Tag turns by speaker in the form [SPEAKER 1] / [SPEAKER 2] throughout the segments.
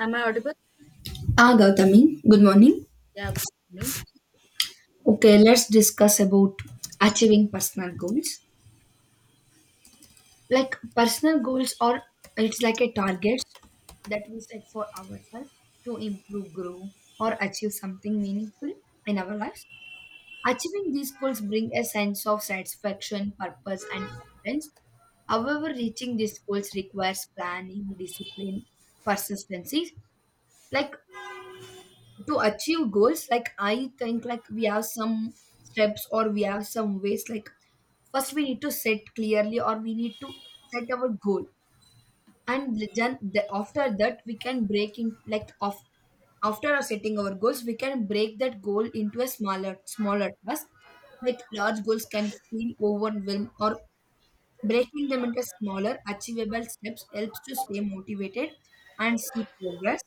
[SPEAKER 1] Am I audible?
[SPEAKER 2] Ah, Gautami, good morning.
[SPEAKER 1] Yeah. Me.
[SPEAKER 2] Okay, let's discuss about achieving personal goals. Like, personal goals are, it's like a target that we set for ourselves to improve, grow, or achieve something meaningful in our lives. Achieving these goals bring a sense of satisfaction, purpose, and confidence. However, reaching these goals requires planning, discipline, persistency. Like, to achieve goals, like, I think, like, we have some steps, or we have some ways. Like, first we need to set clearly, or we need to set our goal, and after that we can break in like of after setting our goals, we can break that goal into a smaller task. Like, large goals can feel overwhelmed, or breaking them into smaller achievable steps helps to stay motivated and see progress.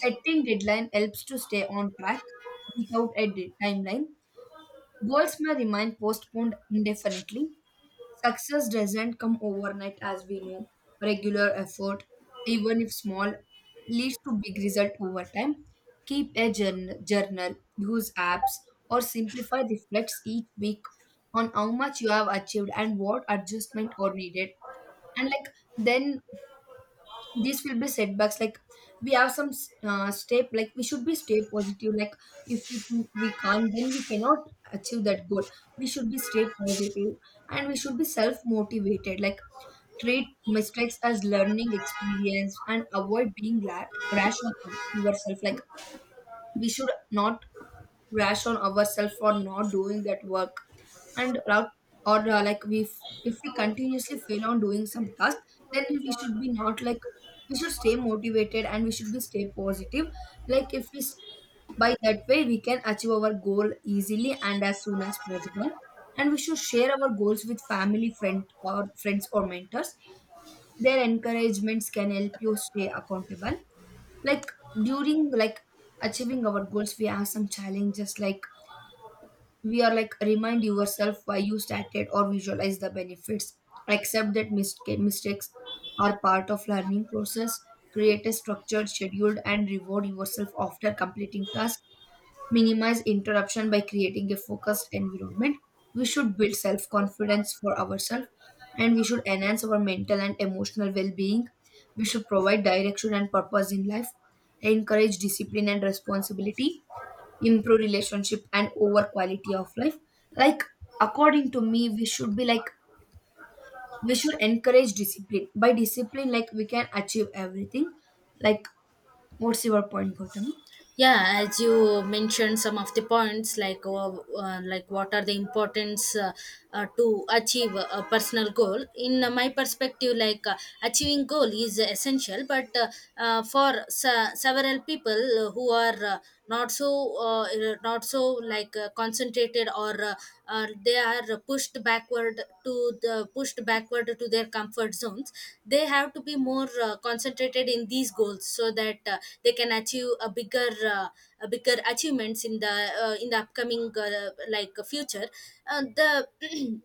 [SPEAKER 2] Setting deadline helps to stay on track without a timeline. Goals may remain postponed indefinitely. Success doesn't come overnight, as we know. Regular effort, even if small, leads to big result over time. Keep a journal, use apps, or simplify reflects each week on how much you have achieved and what adjustment are needed. And like then these will be setbacks. Like, we have some step, like we should be stay positive. Like, if we think we can't, then we cannot achieve that goal. We should be stay positive, and we should be self motivated. Like, treat mistakes as learning experience and avoid being rash on yourself. Like, we should not rash on ourselves for not doing that work, and or like we if we continuously fail on doing some task, then we should be not, like, we should stay motivated and we should be stay positive. Like, if we by that way we can achieve our goal easily and as soon as possible. And we should share our goals with family friend, or friends, or mentors. Their encouragements can help you stay accountable. Like, during, like, achieving our goals, we have some challenges. Like, we are, like, remind yourself why you started or visualize the benefits. Accept that mistakes are part of learning process. Create a structured schedule and reward yourself after completing tasks. Minimize interruption by creating a focused environment. We should build self-confidence for ourselves, and we should enhance our mental and emotional well-being. We should provide direction and purpose in life, encourage discipline and responsibility, improve relationship and over quality of life. Like, according to me, we should be, like, we should encourage discipline. By discipline, like, we can achieve everything. Like, what's your point, Gautami?
[SPEAKER 1] Yeah, as you mentioned some of the points, like what are the importance to achieve a personal goal. In my perspective, achieving goal is essential, but for several people who are not so uh, not so concentrated or they are pushed backward to their comfort zones. They have to be more concentrated in these goals so that they can achieve a bigger achievements in the upcoming like future. The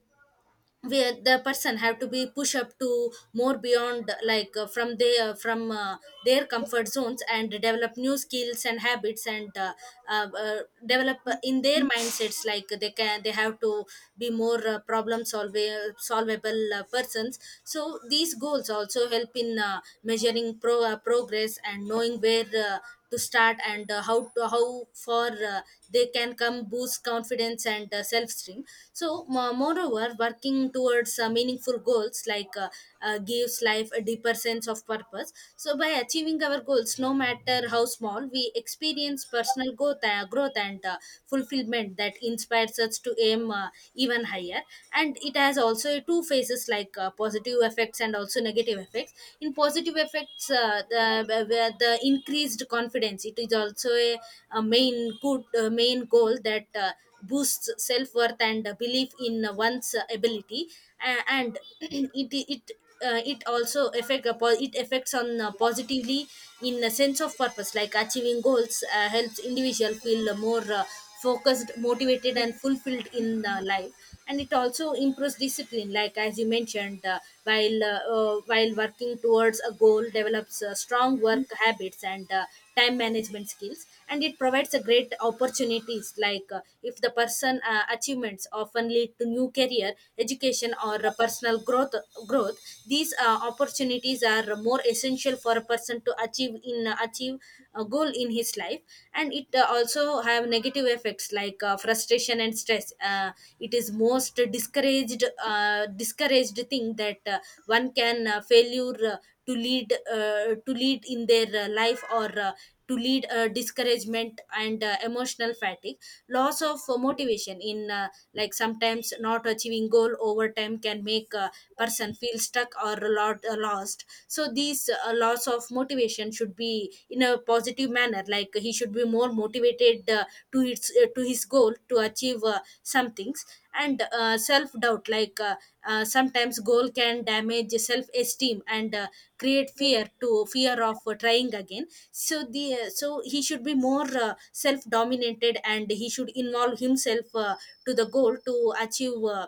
[SPEAKER 1] where the person have to be push up to more beyond from their comfort zones and develop new skills and habits and uh, uh, develop in their mindsets like they have to be more problem solving solvable persons. So these goals also help in measuring progress and knowing where to start and how far they can come, boost confidence and self esteem. So moreover, working towards meaningful goals gives life a deeper sense of purpose. So by achieving our goals, no matter how small, we experience personal growth and fulfillment that inspires us to aim even higher. And it has also two phases like positive effects and also negative effects. In positive effects, where the increased confidence, it is also a main goal that boosts self-worth and belief in one's ability. And it also affect upon it affects on positively in a sense of purpose. Like achieving goals helps individual feel more focused, motivated and fulfilled in life. And it also improves discipline, like as you mentioned, while working towards a goal develops strong work habits and time management skills. And it provides a great opportunities, like if the person achievements often lead to new career, education or personal growth. These opportunities are more essential for a person to achieve a goal in his life. And it also have negative effects, like frustration and stress. It is most discouraged thing that one can failure to lead in their life, or to lead discouragement and emotional fatigue, loss of motivation in like sometimes not achieving goal over time can make a person feel stuck or lost. So these loss of motivation should be in a positive manner, like he should be more motivated to its to his goal to achieve some things. And self doubt, sometimes goal can damage self esteem and create fear of trying again. So the so he should be more self dominated and he should involve himself to the goal to achieve uh,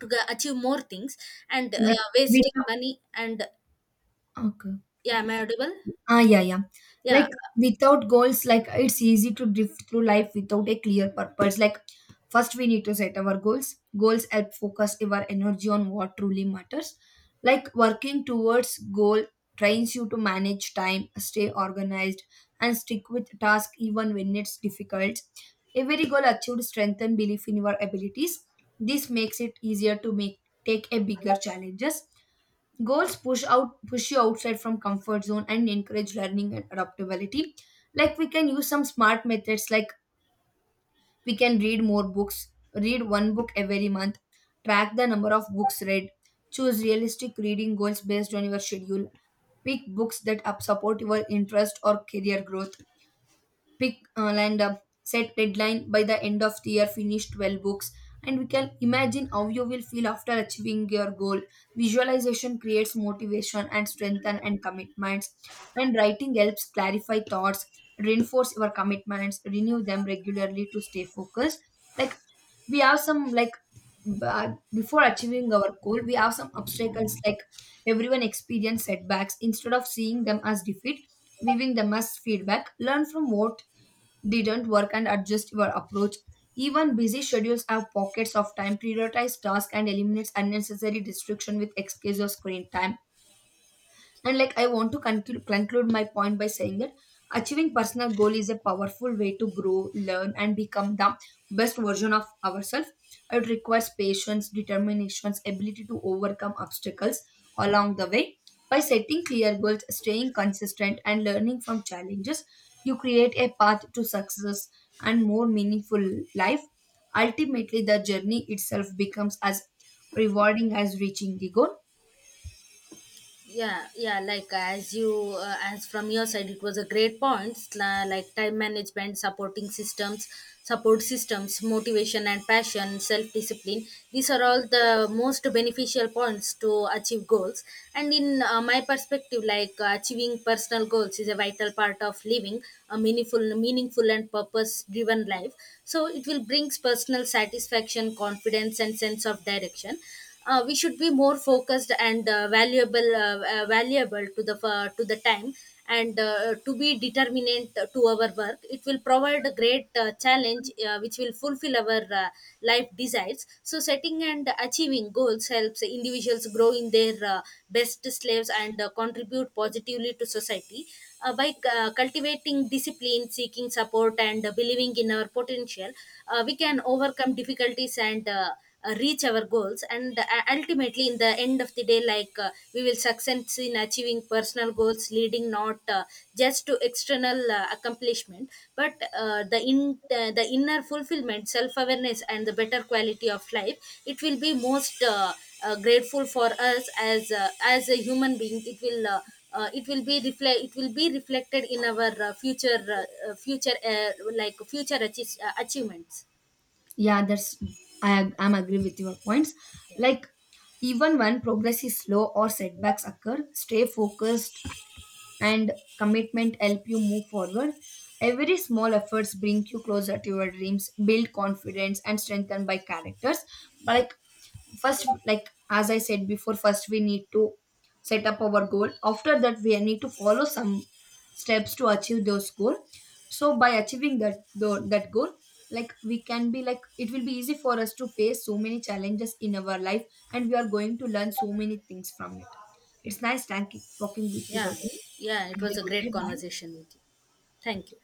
[SPEAKER 1] to g- achieve more things. And
[SPEAKER 2] Like, we
[SPEAKER 1] wasting money. And
[SPEAKER 2] okay.
[SPEAKER 1] yeah, am I audible?
[SPEAKER 2] Ah, yeah, yeah.
[SPEAKER 1] Yeah,
[SPEAKER 2] Like, without goals, like, it's easy to drift through life without a clear purpose. Like, first we need to set our goals. Goals help focus our energy on what truly matters. Like, working towards goal trains you to manage time, stay organized, and stick with task even when it's difficult. Every goal achieved strengthen belief in your abilities. This makes it easier to make take a bigger challenges. Goals push you outside from comfort zone and encourage learning and adaptability. Like, we can use some smart methods, like, we can read more books, read one book every month, track the number of books read, choose realistic reading goals based on your schedule, pick books that up support your interest or career growth, pick and set deadline by the end of the year, finish 12 books, and we can imagine how you will feel after achieving your goal. Visualization creates motivation and strengthen and commitments, and writing helps clarify thoughts, reinforce your commitments, renew them regularly to stay focused. Like, we have some, like, before achieving our goal, we have some obstacles. Like, everyone experience setbacks. Instead of seeing them as defeat, viewing them as feedback, learn from what didn't work and adjust your approach. Even busy schedules have pockets of time. Prioritize tasks and eliminates unnecessary distraction with excuse of screen time. And, like, I want to conclude my point by saying that achieving personal goal is a powerful way to grow, learn, and become the best version of ourselves. It requires patience, determination, ability to overcome obstacles along the way. By setting clear goals, staying consistent, and learning from challenges, you create a path to success and more meaningful life. Ultimately, the journey itself becomes as rewarding as reaching the goal.
[SPEAKER 1] yeah, yeah. Like as from your side, it was a great points, like time management, support systems, motivation and passion, self discipline. These are all the most beneficial points to achieve goals. And in my perspective, like achieving personal goals is a vital part of living a meaningful and purpose-driven life. So it will brings personal satisfaction, confidence, and sense of direction. We should be more focused and valuable to the time and to be determinant to our work. It will provide a great challenge which will fulfill our life desires. So setting and achieving goals helps individuals grow in their best slaves and contribute positively to society by cultivating discipline, seeking support and believing in our potential. We can overcome difficulties and reach our goals. And ultimately, in the end of the day, like we will success in achieving personal goals, leading not just to external accomplishment, but the inner fulfillment, self awareness and the better quality of life. It will be most grateful for us as a human being. It will it will be reflect it will be reflected in our future future like future achievements.
[SPEAKER 2] Yeah, that's I am agree with your points. Like, even when progress is slow or setbacks occur, stay focused, and commitment help you move forward. Every small efforts bring you closer to your dreams, build confidence and strengthen by characters. Like, first, like, as I said before, first we need to set up our goal. After that we need to follow some steps to achieve those goal. So by achieving that that goal, like, we can be, like, it will be easy for us to face so many challenges in our life, and we are going to learn so many things from it. It's nice thank talking with you,
[SPEAKER 1] Yeah,
[SPEAKER 2] Gautami.
[SPEAKER 1] yeah, it
[SPEAKER 2] Have
[SPEAKER 1] was
[SPEAKER 2] a
[SPEAKER 1] a
[SPEAKER 2] good
[SPEAKER 1] great
[SPEAKER 2] day, bye.
[SPEAKER 1] conversation with you. Thank you.